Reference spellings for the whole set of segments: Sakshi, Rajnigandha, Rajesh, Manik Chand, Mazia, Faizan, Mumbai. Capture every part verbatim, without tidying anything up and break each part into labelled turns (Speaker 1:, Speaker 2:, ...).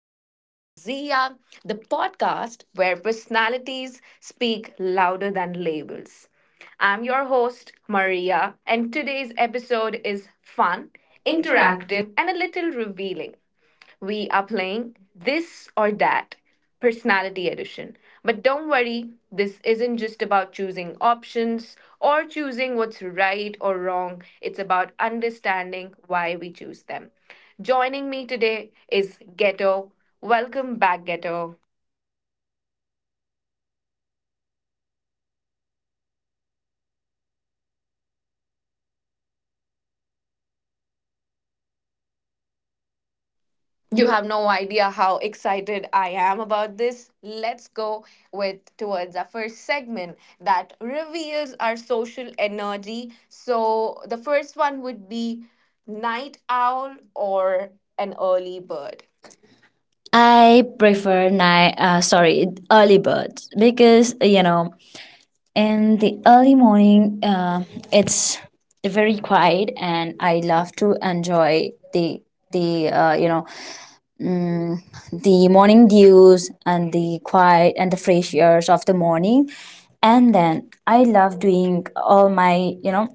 Speaker 1: back to Mazia, the podcast where personalities speak louder than labels. I'm your host, Maria, and today's episode is fun,
Speaker 2: Interactive.
Speaker 1: interactive, and a little revealing. We are playing this or that personality edition. But don't worry, this isn't just about choosing options or choosing what's right or wrong. It's about understanding why we choose them. Joining me today is Ghetto. Welcome back, Ghetto. You
Speaker 2: You
Speaker 1: have no idea how excited I am about this. Let's go with towards our first segment that reveals our social energy. So the first one would be night owl or an early bird.
Speaker 2: I prefer night. Uh, sorry, early birds because you know in the early morning, uh, it's very quiet, and I love to enjoy the the uh, you know mm, the morning dews and the quiet and the fresh airs of the morning, and then I love doing all my you know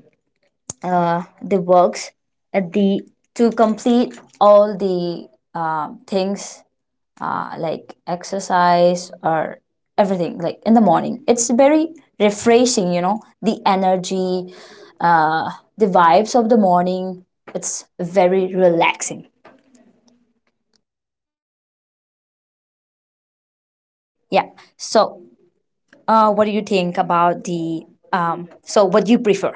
Speaker 2: uh, the works at the to complete all the uh, things uh, like exercise or everything. Like in the morning it's very refreshing, you know the energy, uh, the vibes of the morning, it's very relaxing. Yeah, so uh, what do you think about the um, so what do you prefer?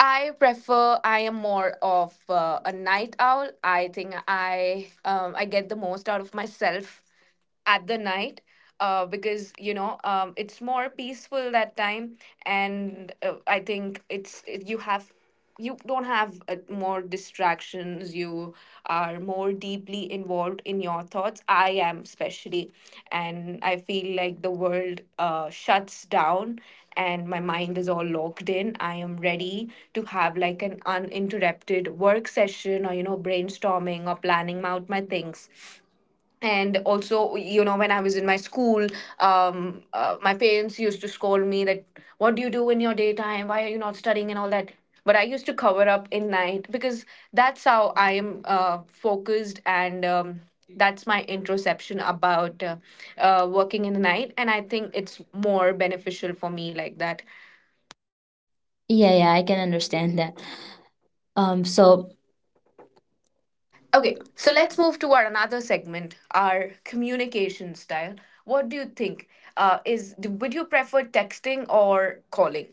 Speaker 1: I prefer. I am more of uh, a night owl. I think I um I get the most out of myself at the night, uh, because you know um, it's more peaceful that time. And uh, I think it's it, you have you don't have uh, more distractions. You are more deeply involved in your thoughts. I am especially, and I feel like the world uh, shuts down, and my mind is all locked in. I am ready to have like an uninterrupted work session, or you know brainstorming, or planning out my things. And also, you know when I was in my school, um, uh, my parents used to scold me that, what do you do in your daytime, why are you not studying and all that. But I used to cover up in night, because that's how I am uh, focused. And um, that's my introception about uh, uh, working in the night, and I think it's more beneficial for me like that.
Speaker 2: Yeah, yeah, I can understand that. um so
Speaker 1: Okay,
Speaker 2: okay,
Speaker 1: so
Speaker 2: so let's...
Speaker 1: let's move to our another segment, our communication style. What do you think? Uh, is do, would you prefer texting or calling?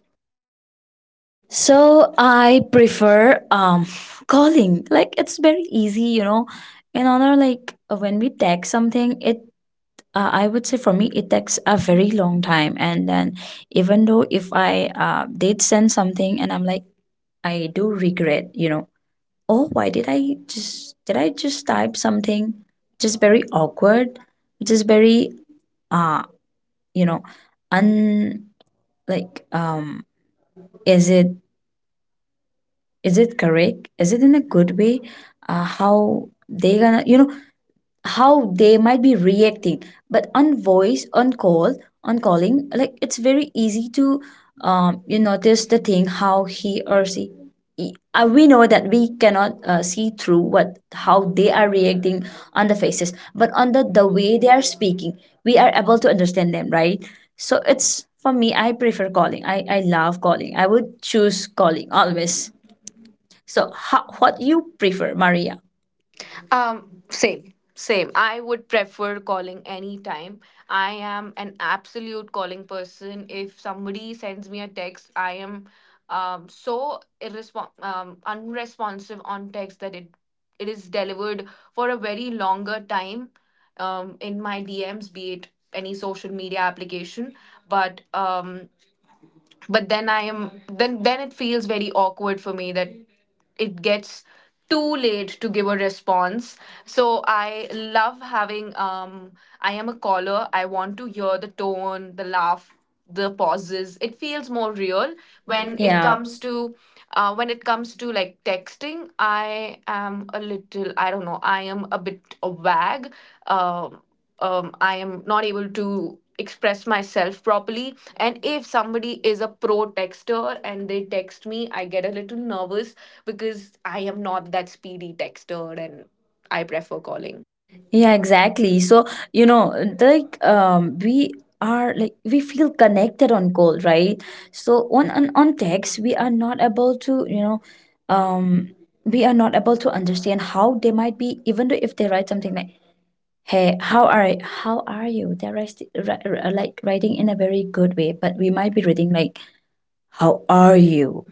Speaker 2: So I prefer um calling. Like it's very easy, you know in honor, like when we text something it... Uh, I would say for me, it takes a very long time. And then, even though if I uh, did send something and I'm like, I do regret, you know, oh, why did I just, did I just type something? Just very awkward, just very, uh, you know, un, like, um, is it, is it correct? Is it in a good way? Uh, how they gonna, you know, how they might be reacting? But on voice, on call, on calling, like it's very easy to um, you notice the thing how he or she... uh, We know that we cannot uh, see through what how they are reacting on the faces, but on the the way they are speaking, we are able to understand them, right? So it's... For me, I prefer calling. I i love calling. I would choose calling always. So
Speaker 1: So.
Speaker 2: how, what you prefer, Maria?
Speaker 1: Um, same, same. I would prefer calling anytime. I am an absolute calling person. If somebody sends me a text, I am um so irrespon um unresponsive on text, that it it is delivered for a very longer time, um in my D Ms, be it any social media application. But um but then I am, then then it feels very awkward for me that it gets too late to give a response. So I love having. um I am a caller. I want to hear the tone, the laugh, the pauses. It feels more real
Speaker 2: When
Speaker 1: when
Speaker 2: it,
Speaker 1: it, yeah,
Speaker 2: yeah,
Speaker 1: comes
Speaker 2: comes to...
Speaker 1: to, uh, when it comes to like texting. I am a little, I don't know, I am a bit a wag. um, um, I am not able to express myself properly, and if somebody is a pro texter and they text me, I get a little nervous, because I am not that speedy texter, and I prefer calling.
Speaker 2: Yeah, exactly. So, you know, like um we are... Like we feel connected on call, right? So on on, on text we are not able to, you know, um we are not able to understand how they might be, even though if they write something like, "Hey, how are y- how are you?" They're rest, ri- ri- like writing in a very good way, but we might be reading like, "How are you?"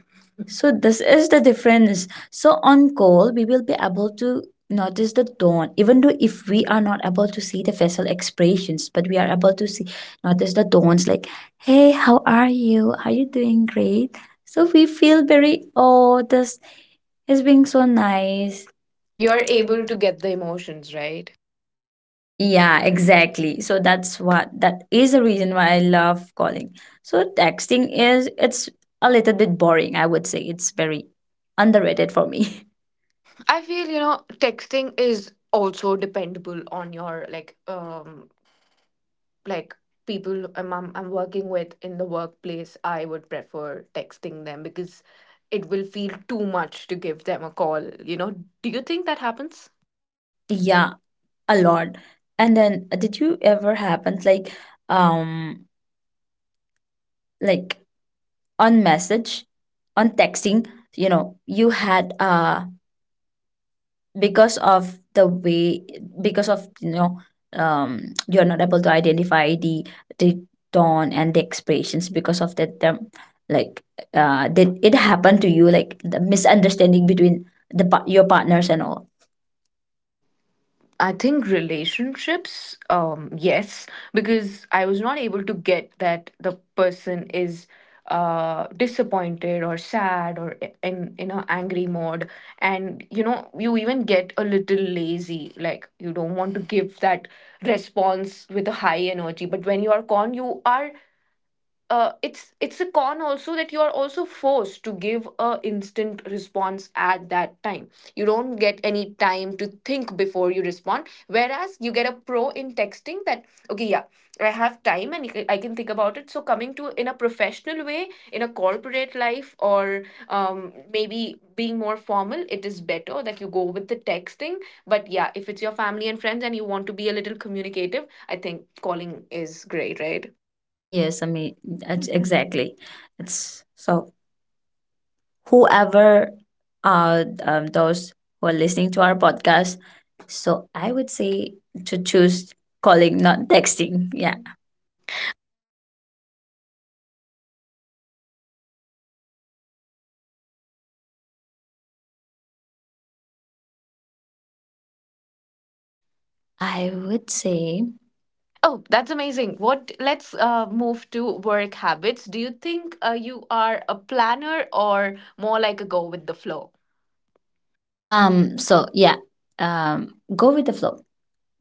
Speaker 2: So this is the difference. So on call, we will be able to notice the dawn. Even though if we are not able to see the facial expressions, but we are able to see, notice the dawns like, "Hey, how are you? Are you doing great?" So we feel very, oh, this is being so nice. You
Speaker 1: You're
Speaker 2: are able
Speaker 1: able
Speaker 2: to,
Speaker 1: to get the emotions, right?
Speaker 2: yeah, exactly. So that's what... That is the reason why I love calling. So texting is... It's a little bit boring, I would say. It's very underrated for me.
Speaker 1: I feel, you know, texting is also dependable on your, like, um like people I'm, I'm I'm working with in the workplace. I would prefer texting them because it will feel too much to give them a call, you know. Do you think that happens?
Speaker 2: Yeah, a lot. And then uh, did you ever happen like um like on message, on texting, you know, you had uh because of the way, because of you know um you're not able to identify the the tone and the expressions, because of that term, like uh did it happen to you, like the misunderstanding between the pa- your partners and all?
Speaker 1: I think relationships, um, yes, because I was not able to get that the person is uh disappointed or sad, or i- in in a angry mode. And you know you even get a little lazy, like you don't want to give that response with a high energy. But when you are con you are uh, it's it's a con also, that you are also forced to give a instant response at that time. You don't get any time to think before you respond, whereas you get a pro in texting, that, okay, yeah, I have time, and i can I can think about it. So, coming to, in a professional way, in a corporate life, or um, maybe being more formal, it is better that you go with the texting. But yeah, if it's your family and friends and you want to be a little communicative, I think calling is great, right?
Speaker 2: Yes, I mean that's exactly it's so whoever uh um, those who are listening to our podcast, so I would say to choose calling, not texting. Yeah, I would say...
Speaker 1: Oh, that's amazing. What Let's uh, move to work habits. Do you think uh, you are a planner or more like a go with the flow?
Speaker 2: um so yeah um Go with the flow.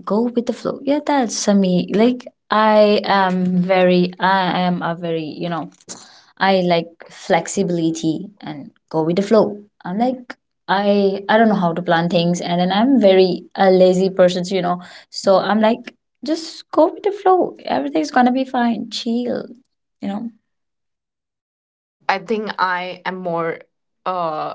Speaker 2: Go with the flow. Yeah, that's uh, me. Like I am very I am a very, you know, I like flexibility and go with the flow. I'm like, I I don't know how to plan things, and then I'm very a lazy person, you know. So I'm like just go with the flow. Everything's gonna be fine. Chill, you know.
Speaker 1: I think I am more uh,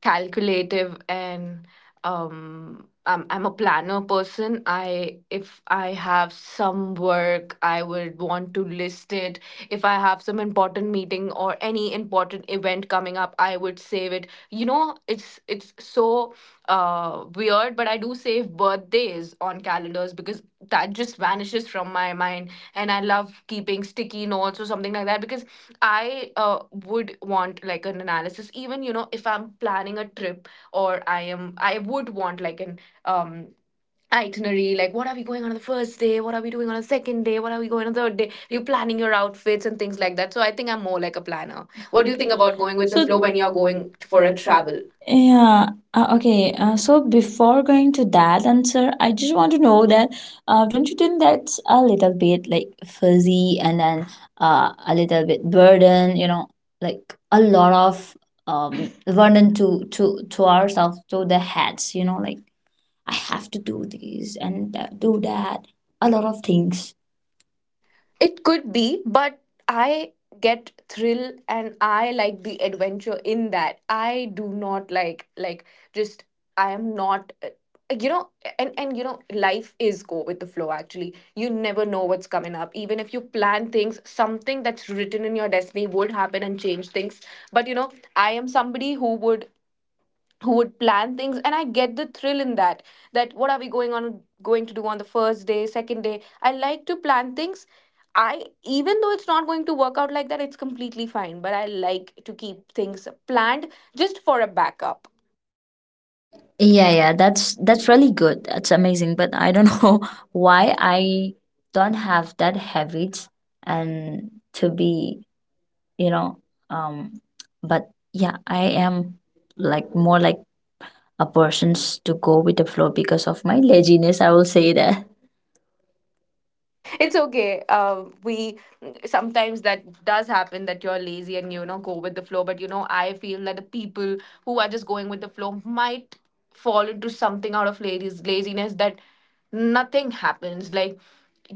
Speaker 1: calculative, and um, I'm, I'm a planner person. I if I have some work, I would want to list it. If I have some important meeting or any important event coming up, I would save it. You know, it's it's so uh weird, but I do save birthdays on calendars, because that just vanishes from my mind. And I love keeping sticky notes or something like that, because I uh would want like an analysis. Even, you know if I'm planning a trip, or i am I would want like an um itinerary, like what are we going on the first day, what are we doing on the second day, what are we going on the third day, you're planning your outfits and things like that. So I think I'm more like a planner.
Speaker 2: What
Speaker 1: What
Speaker 2: do
Speaker 1: do
Speaker 2: you
Speaker 1: you think
Speaker 2: think about
Speaker 1: about
Speaker 2: going
Speaker 1: going
Speaker 2: with
Speaker 1: with the
Speaker 2: the, so,
Speaker 1: flow
Speaker 2: flow
Speaker 1: when
Speaker 2: when
Speaker 1: you're
Speaker 2: you're
Speaker 1: going
Speaker 2: going
Speaker 1: t- for
Speaker 2: for
Speaker 1: a
Speaker 2: a travel?
Speaker 1: travel?
Speaker 2: Yeah. Uh, okay. Uh, so before going to that answer, I just want to know that, uh, don't you think that's a little bit like fuzzy, and then uh, a little bit burden, you know, like a lot of um burden to to to ourselves, to the heads, you know, like I have to do this and that, do that, a lot of things.
Speaker 1: It could be, but I get thrill and I like the adventure in that. I do not like like just. I am not, uh, you know. And and you know life is go with the flow, actually. You never know what's coming up. Even if you plan things, something that's written in your destiny would happen and change things. But, you know, I am somebody who would, who would plan things, and I get the thrill in that, that what are we going on going to do on the first day, second day. I like to plan things. I Even though it's not going to work out like that, it's completely fine, but I like to keep things planned, just for a backup.
Speaker 2: Yeah, yeah, that's that's really good. That's amazing. But I don't know why I don't have that habit, and to be, you know, um but yeah, I am like more like a person's to go with the flow because of my laziness, I will say that. It's...
Speaker 1: It's okay. uh, we Sometimes that does happen, that you're lazy and you know go with the flow. But, you know I feel that the people who are just going with the flow might fall into something out of ladies laziness, that nothing happens, like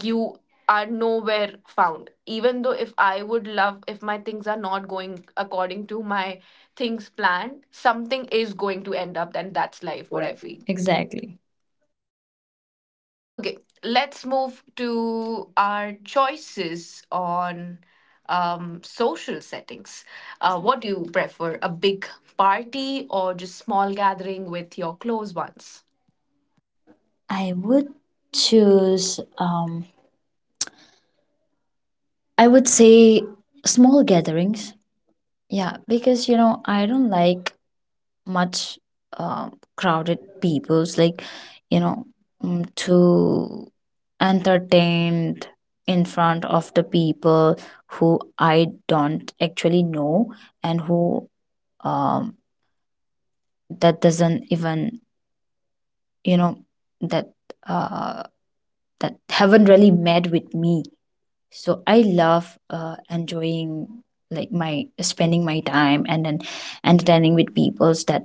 Speaker 1: you are nowhere found. Even though, if I would love, if my things are not going according to my things planned, something is going to end up, and that's
Speaker 2: Life,
Speaker 1: life,
Speaker 2: what
Speaker 1: what I
Speaker 2: I feel.
Speaker 1: feel.
Speaker 2: Exactly.
Speaker 1: Okay, let's move to our choices on um, social settings. Uh, what do you prefer, a big party or just small gathering with your close ones?
Speaker 2: I would choose um I would say small gatherings. Yeah, because, you know, I don't like much uh, crowded peoples, like, you know mm, to entertained in front of the people who I don't actually know, and who um, that doesn't even, you know that uh, that haven't really met with me. So I love uh, enjoying, like, my spending my time, and then entertaining with peoples that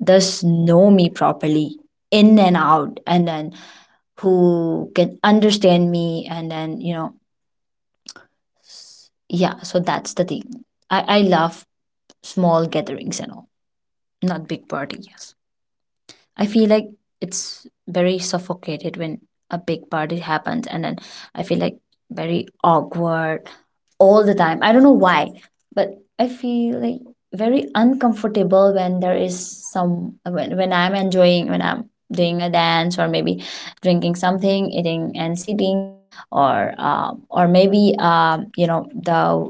Speaker 2: thus know me properly, in and out, and then who can understand me, and then, you know s- yeah, so that's the thing. I i love small gatherings and all, not big party. Yes, I feel like it's very suffocated when a big party happens. And then I feel like very awkward all the time. I don't know why, but I feel like very uncomfortable when there is some, when, when I'm enjoying, when I'm doing a dance, or maybe drinking something, eating and sitting, or um, or maybe, um, you know, the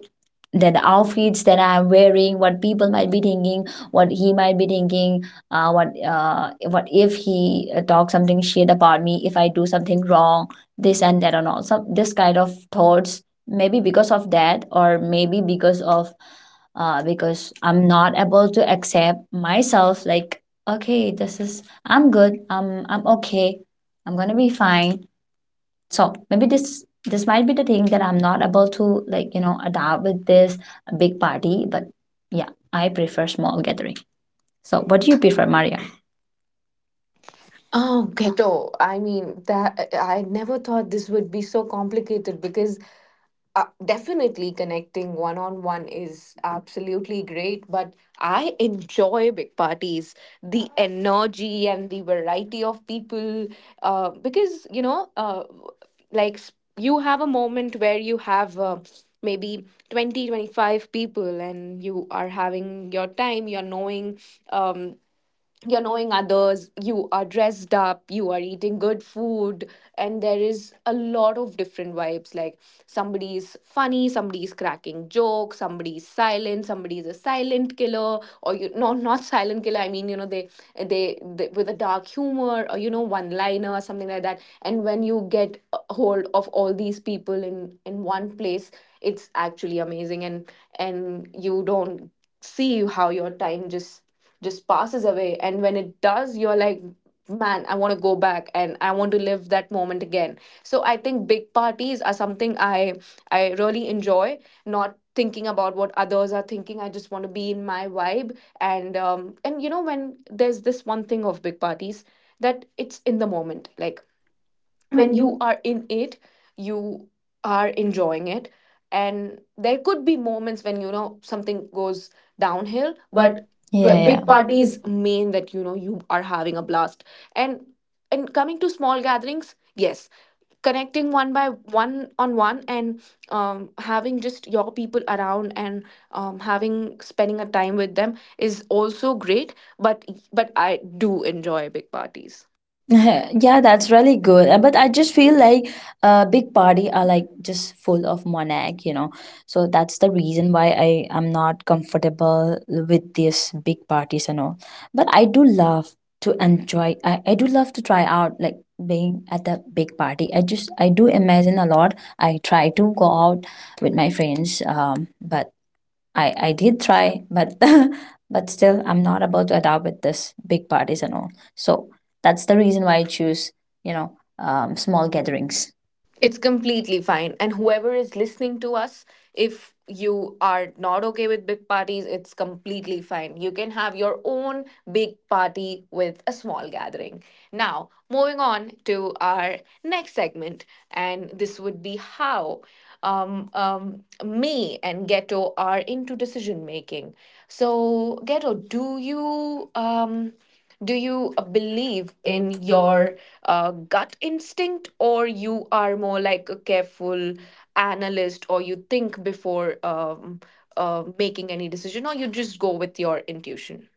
Speaker 2: the outfits that I'm wearing, what people might be thinking, what he might be thinking, uh, what uh, what if he uh, talks something shit about me if I do something wrong, this and that and all, some this kind of thoughts. Maybe because of that, or maybe because of, uh, because I'm not able to accept myself like, okay, this is, I'm good, i'm i'm okay, I'm gonna be fine. So maybe this this might be the thing, that I'm not able to, like, you know adapt with this big party. But yeah, I prefer small gathering. So what do you prefer, Maria?
Speaker 1: Oh, Ghetto. I mean, that I never thought this would be so complicated, because uh, definitely connecting one on one is absolutely great, but I enjoy big parties, the energy and the variety of people. Uh, because, you know, uh, like s- you have a moment where you have uh, maybe twenty, twenty five people, and you are having your time, you're knowing. Um, you're knowing others, you are dressed up, you are eating good food, and there is a lot of different vibes. Like somebody's funny, somebody's cracking jokes, somebody's silent, somebody's a silent killer, or you no, not silent killer. I mean, you know, they they, they, with a dark humor, or you know, one liner or something like that. And when you get a hold of all these people in in one place, it's actually amazing, and and you don't see how your time just just passes away, and when it does, you're like, man, I want to go back and I want to live that moment again. So I think big parties are something i i really enjoy, not thinking about what others are thinking. I just want to be in my vibe. And um and, you know when there's this one thing of big parties, that it's in the moment, like
Speaker 2: When
Speaker 1: when
Speaker 2: you...
Speaker 1: you are in it, you are enjoying it. And there could be moments when, you know something goes downhill, but,
Speaker 2: But yeah. But
Speaker 1: but
Speaker 2: yeah, big
Speaker 1: big
Speaker 2: parties.
Speaker 1: parties mean that, you know you are having a blast. And and coming to small gatherings, yes, connecting one by one on one, and, um, having just your people around and um, having spending a time with them is also great, but, but I do enjoy big parties.
Speaker 2: Yeah, that's really good. Uh, but I just feel like uh big party are like just full of monarch, you know so that's the reason why I am not comfortable with these big parties and all. But I do love to enjoy. i, I do love to try out, like, being at the big party. I just, I do imagine a lot. I try to go out with my friends, um but I I did try, but but still I'm not about to adapt with this big parties and all. So that's the reason why I choose, you know um, small gatherings.
Speaker 1: It's completely fine. And whoever is listening to us, if you are not okay with big parties, it's completely fine. You can have your own big party with a small gathering. Now, moving on to our next segment, and this would be how um, um, me and Ghetto are into decision making. So, Ghetto, do you um, do you uh,
Speaker 2: Believe
Speaker 1: believe
Speaker 2: in
Speaker 1: in
Speaker 2: your...
Speaker 1: your uh, gut instinct, or you are more like a careful analyst, or you think before um, uh, making any decision, or you just go with your intuition?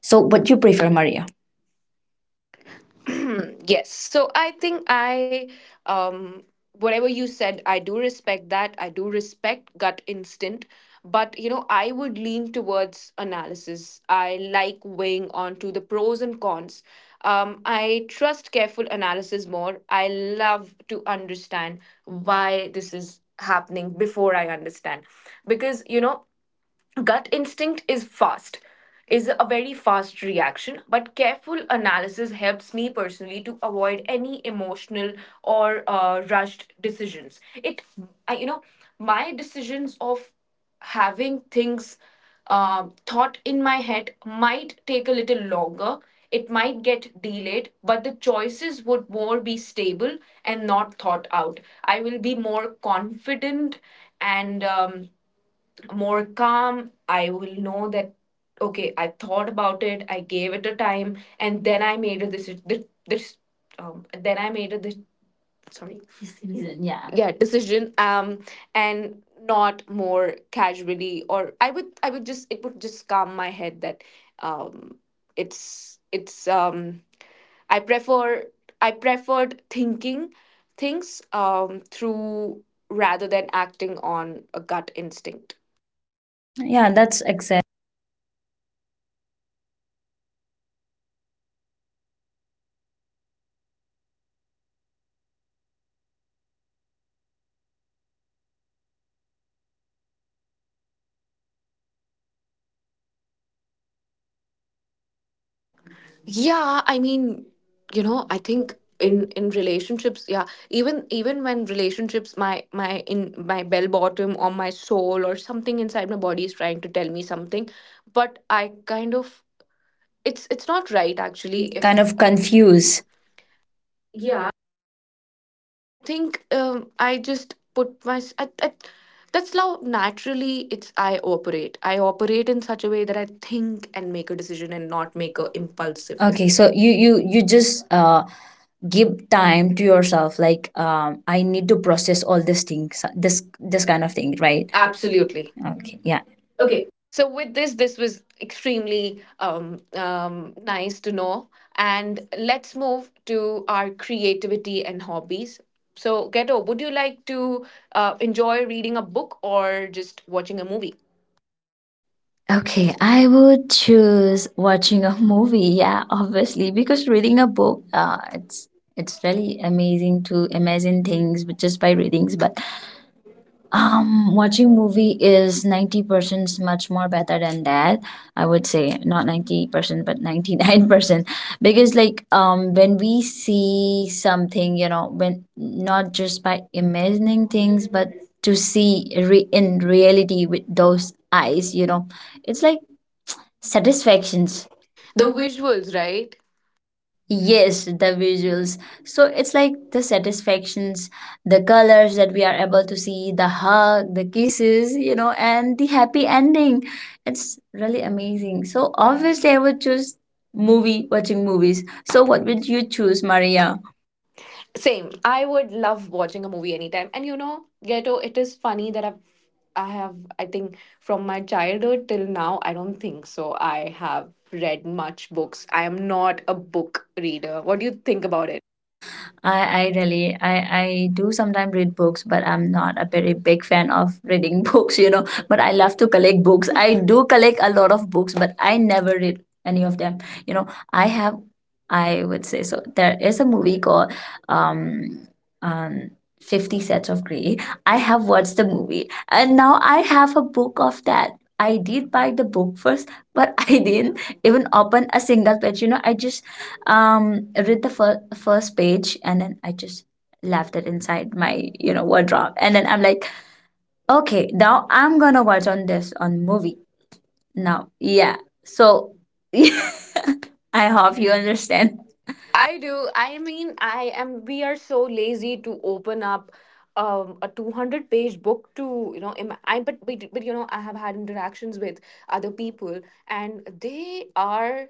Speaker 2: So what you prefer, Maria?
Speaker 1: Yes, so i think i um whatever you said, I do respect that. I do respect gut instinct, but you know, I would lean towards analysis. I like weighing onto the pros and cons. um I trust careful analysis more. I love to understand why this is happening before I understand, because you know, gut instinct is fast, is a very fast reaction, but careful analysis helps me personally to avoid any emotional or uh, rushed decisions. It, I, you know, my decisions of having things uh, thought in my head might take a little longer. It might get delayed, but the choices would more be stable and not thought out. I will be more confident and um, more calm. I will know that, okay, I thought about it, I gave it a time, and then I made a decision. This, this, um, then I made a this, sorry, decision. Yeah, yeah, decision. Um, and not more casually, or I would, I would just, it would just calm my head that, um, it's, it's, um, I prefer, I preferred thinking things, um, through rather than acting on a gut instinct.
Speaker 2: Yeah, that's exact.
Speaker 1: Yeah, I mean, you know, I think in
Speaker 2: In
Speaker 1: in relationships, yeah, even even when relationships, my my in my bell bottom or my soul or something inside my body is trying to tell me something, but I kind of, it's it's not right actually,
Speaker 2: actually,
Speaker 1: if
Speaker 2: kind
Speaker 1: kind of
Speaker 2: of
Speaker 1: confuse.
Speaker 2: confuse. Yeah,
Speaker 1: I think um I just put my I, I, that's how naturally it's I operate. I operate in such a way that I think and make a decision and not
Speaker 2: not
Speaker 1: make
Speaker 2: make
Speaker 1: a
Speaker 2: a impulsive.
Speaker 1: impulsive, okay,
Speaker 2: Okay,
Speaker 1: decision. so
Speaker 2: so
Speaker 1: you,
Speaker 2: you
Speaker 1: you
Speaker 2: you you just uh give time to yourself. Like, um, I need to process all these things, this this kind of thing,
Speaker 1: right,
Speaker 2: right? Absolutely.
Speaker 1: absolutely.
Speaker 2: Okay. Yeah. Okay.
Speaker 1: So with this, this was extremely um, um, nice to know. And let's move to our creativity and hobbies. So, Ghetto, would you like to uh, enjoy reading a book or just watching a movie?
Speaker 2: Okay, I would choose watching a movie. Yeah, obviously, because reading a book, uh, it's... It's really amazing to imagine things with-, just by readings. But um, watching movie is ninety percent much more better than that. I would say not ninety percent, but ninety nine percent, because, like, um, when we see something, you know, when not just by imagining things, but to see re- in reality with those eyes, you know it's like satisfactions.
Speaker 1: The
Speaker 2: The way...
Speaker 1: visuals, right?
Speaker 2: Yes, the visuals. So it's like the satisfactions, the colors that we are able to see, the hug, the kisses, you know, and the happy ending. It's really amazing. So obviously, I would choose movie, watching movies. So what would you choose, Maria?
Speaker 1: Same. I would love watching a movie anytime. And you know, Ghetto, it is funny that I've, I have, I think, from my childhood till now, I don't think so. I have read much books. I am not a book reader. What do you think about it?
Speaker 2: I, I really, I, I do sometimes read books, but I'm not a very big fan of reading books, you know but I love to collect books. I do collect a lot of books, but I never read any of them, you know I have... I would say, so there is a movie called um um fifty sets of gray. I have watched the movie, and now I have a book of that. I did buy the book first, but I didn't even open a single page, you know I just um I read the fir- first page, and then I just left it inside my, you know wardrobe, and then I'm like, okay, now I'm gonna watch on this on movie now. Yeah, so I
Speaker 1: And a
Speaker 2: hope
Speaker 1: half
Speaker 2: you
Speaker 1: year.
Speaker 2: understand.
Speaker 1: I do. I mean, I am. We are so lazy to open up um, a two hundred page book to you know. Im- I, but but but you know, I have had interactions with other people, and they are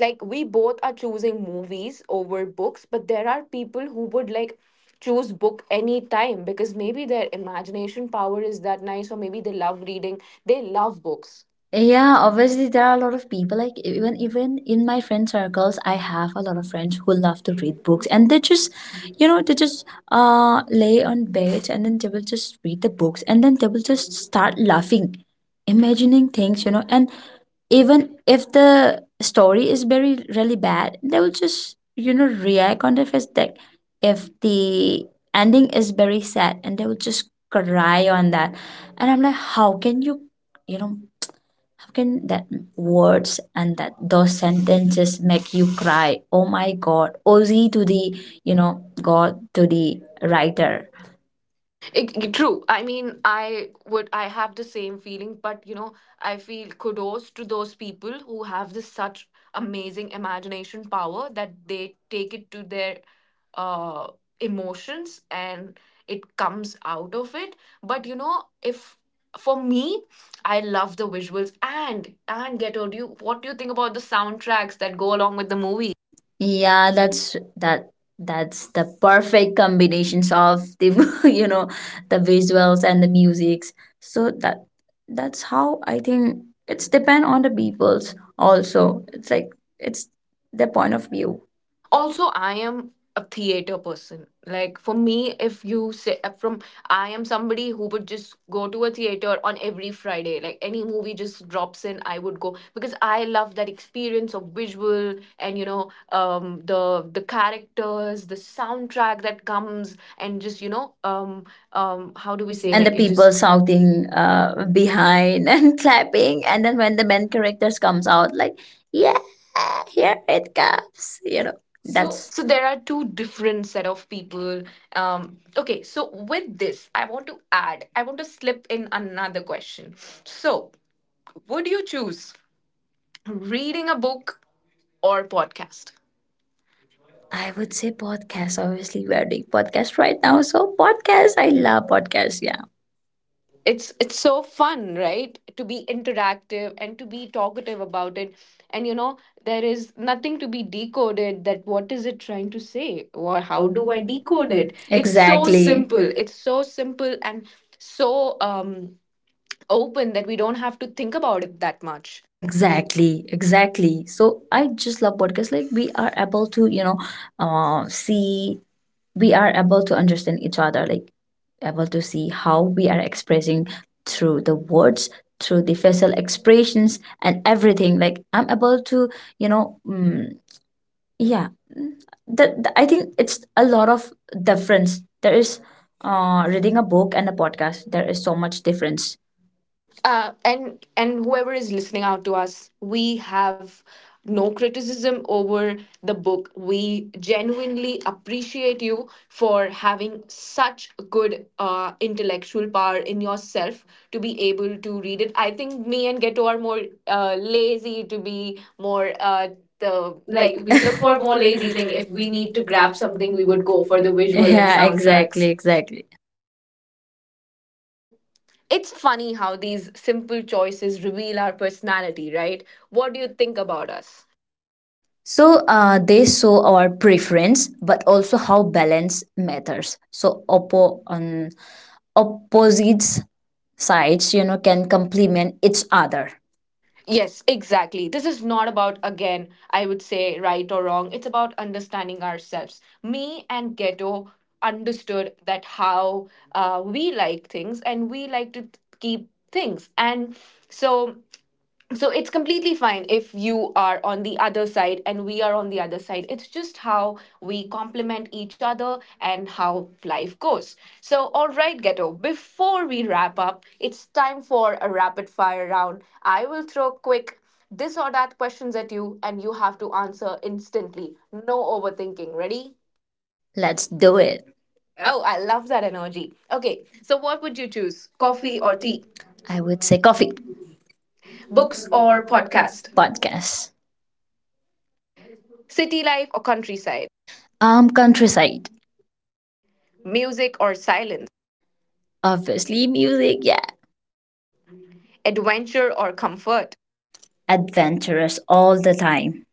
Speaker 1: like we both are choosing movies over books, but there are people who would like choose book any time because maybe their imagination power is that nice, or maybe they love reading, they love books.
Speaker 2: Yeah, obviously there are a lot of people, like, even even in my friend circles, I have a lot of friends who love to read books, and they just, you know they just uh lay on bed, and then they will just read the books, and then they will just start laughing, imagining things, you know and even if the story is very really bad, they will just, you know react on the first deck. If the ending is very sad, and they will just cry on that, and I'm like, how can you, you know how can that words and that those sentences make you cry? Oh my god, oz to the, you know god to the writer.
Speaker 1: It, true. I mean, I would, I have the same feeling, but you know, I feel kudos to those people who have this such amazing imagination power that they take it to their uh, emotions and it comes out of it. But you know, if for me, I love the visuals, and and get do, you, what do you think about the soundtracks that go along with the movie?
Speaker 2: Yeah, that's that... That's the perfect combinations of the you know the visuals and the musics. So that that's how I think it's depend on the people's also. It's like it's their point of view. Also,
Speaker 1: Also, I am a theater person. Like for me, if you say uh, from, I am somebody who would just go to a theater on every Friday. Like any movie just drops in, I would go, because I love that experience of visual, and you know, um the the characters, the soundtrack that comes, and just, you know, um um how
Speaker 2: how do
Speaker 1: do
Speaker 2: we
Speaker 1: we
Speaker 2: say?
Speaker 1: say. And
Speaker 2: And the,
Speaker 1: like
Speaker 2: like,
Speaker 1: the,
Speaker 2: it
Speaker 1: it
Speaker 2: just people
Speaker 1: just
Speaker 2: is-
Speaker 1: people shouting.
Speaker 2: shouting uh, behind and clapping, and then when the main characters comes out, like, yeah, here it comes, you know. So that's
Speaker 1: So, so
Speaker 2: so...
Speaker 1: there are two different set of people. um okay, so with this, I want to add, I want to slip in another question. So, would you choose reading a book or podcast?
Speaker 2: I would say podcast. Obviously, we are doing podcast right now. So podcast, I love podcast. Yeah.
Speaker 1: It's it's so fun, right, to be interactive and to be talkative about it. And you know, there is nothing to be decoded, that what is it trying to say or how
Speaker 2: How
Speaker 1: do
Speaker 2: do
Speaker 1: I
Speaker 2: I decode
Speaker 1: decode it?
Speaker 2: it?
Speaker 1: It's so
Speaker 2: Exactly.
Speaker 1: exactly
Speaker 2: It's so exactly
Speaker 1: simple.
Speaker 2: simple.
Speaker 1: It's so simple and so um open, that we don't have to think about it that much.
Speaker 2: Exactly, exactly. So I just love podcast. Like we are able to, you know, uh, see. We are able to understand each other. Like able to see how we are expressing through the words, through the facial expressions and everything. Like I'm able to, you know mm yeah, that... I think it's a lot of difference. There is uh, reading a book and a podcast. There is so much difference.
Speaker 1: uh, and and whoever is listening out to us, we have no criticism over the book. We genuinely appreciate you for having such good uh, intellectual power in yourself to be able to read it. I think me and Geto are more uh, lazy to be more uh, the
Speaker 2: Like
Speaker 1: like,
Speaker 2: we
Speaker 1: we look
Speaker 2: for
Speaker 1: for
Speaker 2: more
Speaker 1: more
Speaker 2: lazy
Speaker 1: lazy
Speaker 2: thing,
Speaker 1: thing.
Speaker 2: if
Speaker 1: If we
Speaker 2: we
Speaker 1: need
Speaker 2: need
Speaker 1: to
Speaker 2: to grab
Speaker 1: grab something,
Speaker 2: something,
Speaker 1: we
Speaker 2: we
Speaker 1: would
Speaker 2: would
Speaker 1: go
Speaker 2: go
Speaker 1: for
Speaker 2: for
Speaker 1: the
Speaker 2: the visual
Speaker 1: visual
Speaker 2: and,
Speaker 1: and
Speaker 2: yeah, sound,
Speaker 1: soundtracks.
Speaker 2: exactly, tracks. Exactly.
Speaker 1: So, it's funny how these simple choices reveal our personality, right? What do you think about us?
Speaker 2: So uh, they show our preference, but also how balance matters. So Oppo on opposites sides, you know, can complement each other.
Speaker 1: Yes, exactly. This is not about, again, I would say right or wrong. It's about understanding ourselves. Me and Ghetto understood that how uh, we like things and we like to th- keep things. And so, so it's completely fine if you are on the other side and we are on the other side. It's just how we complement each other and how life goes. So, all right, Ghetto, before we wrap up, it's time for a rapid fire round. I will throw quick this or that questions at you, and you have to answer instantly. No overthinking. Ready?
Speaker 2: Let's do it.
Speaker 1: Oh, I love that energy. Okay, so what would you choose? Coffee
Speaker 2: Coffee
Speaker 1: or
Speaker 2: or
Speaker 1: tea?
Speaker 2: tea? I would say coffee.
Speaker 1: Books
Speaker 2: Books
Speaker 1: or
Speaker 2: or
Speaker 1: podcast?
Speaker 2: podcast?
Speaker 1: Podcast.
Speaker 2: Podcast.
Speaker 1: City life or countryside?
Speaker 2: Um, countryside.
Speaker 1: Music or silence?
Speaker 2: Obviously, music. Yeah,
Speaker 1: Adventure or comfort?
Speaker 2: adventurous all the time.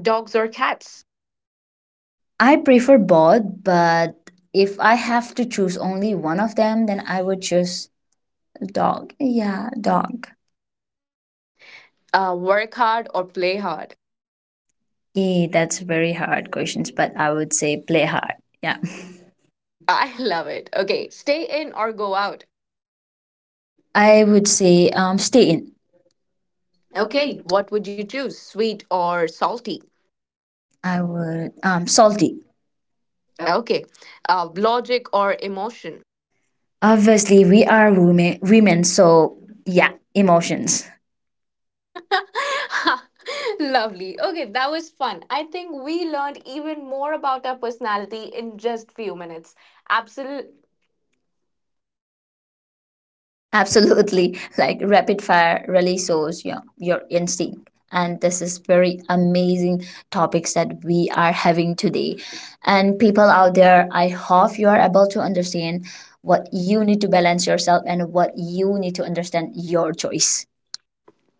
Speaker 1: Dogs or cats?
Speaker 2: I prefer both, but if I have to choose only one of them, then I would choose dog. Yeah, dog.
Speaker 1: Uh, work hard or play hard?
Speaker 2: Eh, that's very hard questions, but I would say play hard. Yeah,
Speaker 1: I love it. Okay, stay in or go out.
Speaker 2: I would say um stay in. Okay,
Speaker 1: Okay,
Speaker 2: what?
Speaker 1: what would you choose, sweet or salty?
Speaker 2: I would, um salty.
Speaker 1: Okay, uh, logic or emotion?
Speaker 2: Obviously, we are women, women, so yeah, emotions.
Speaker 1: Lovely. Okay, that was fun. I think we learned even more about our personality in just few minutes. Absolutely.
Speaker 2: Absolutely, like rapid fire really shows your your instinct. And this is very amazing topics that we are having today. And people out there, I hope you are able to understand what you need to balance yourself, and what you need to understand your choice.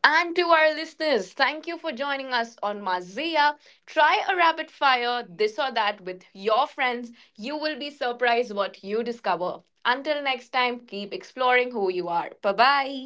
Speaker 1: And to our listeners, thank you for joining us on Mazia. Try a rapid fire, this or that, with your friends. You will be surprised what you discover. Until next time, keep exploring who you are. Bye bye.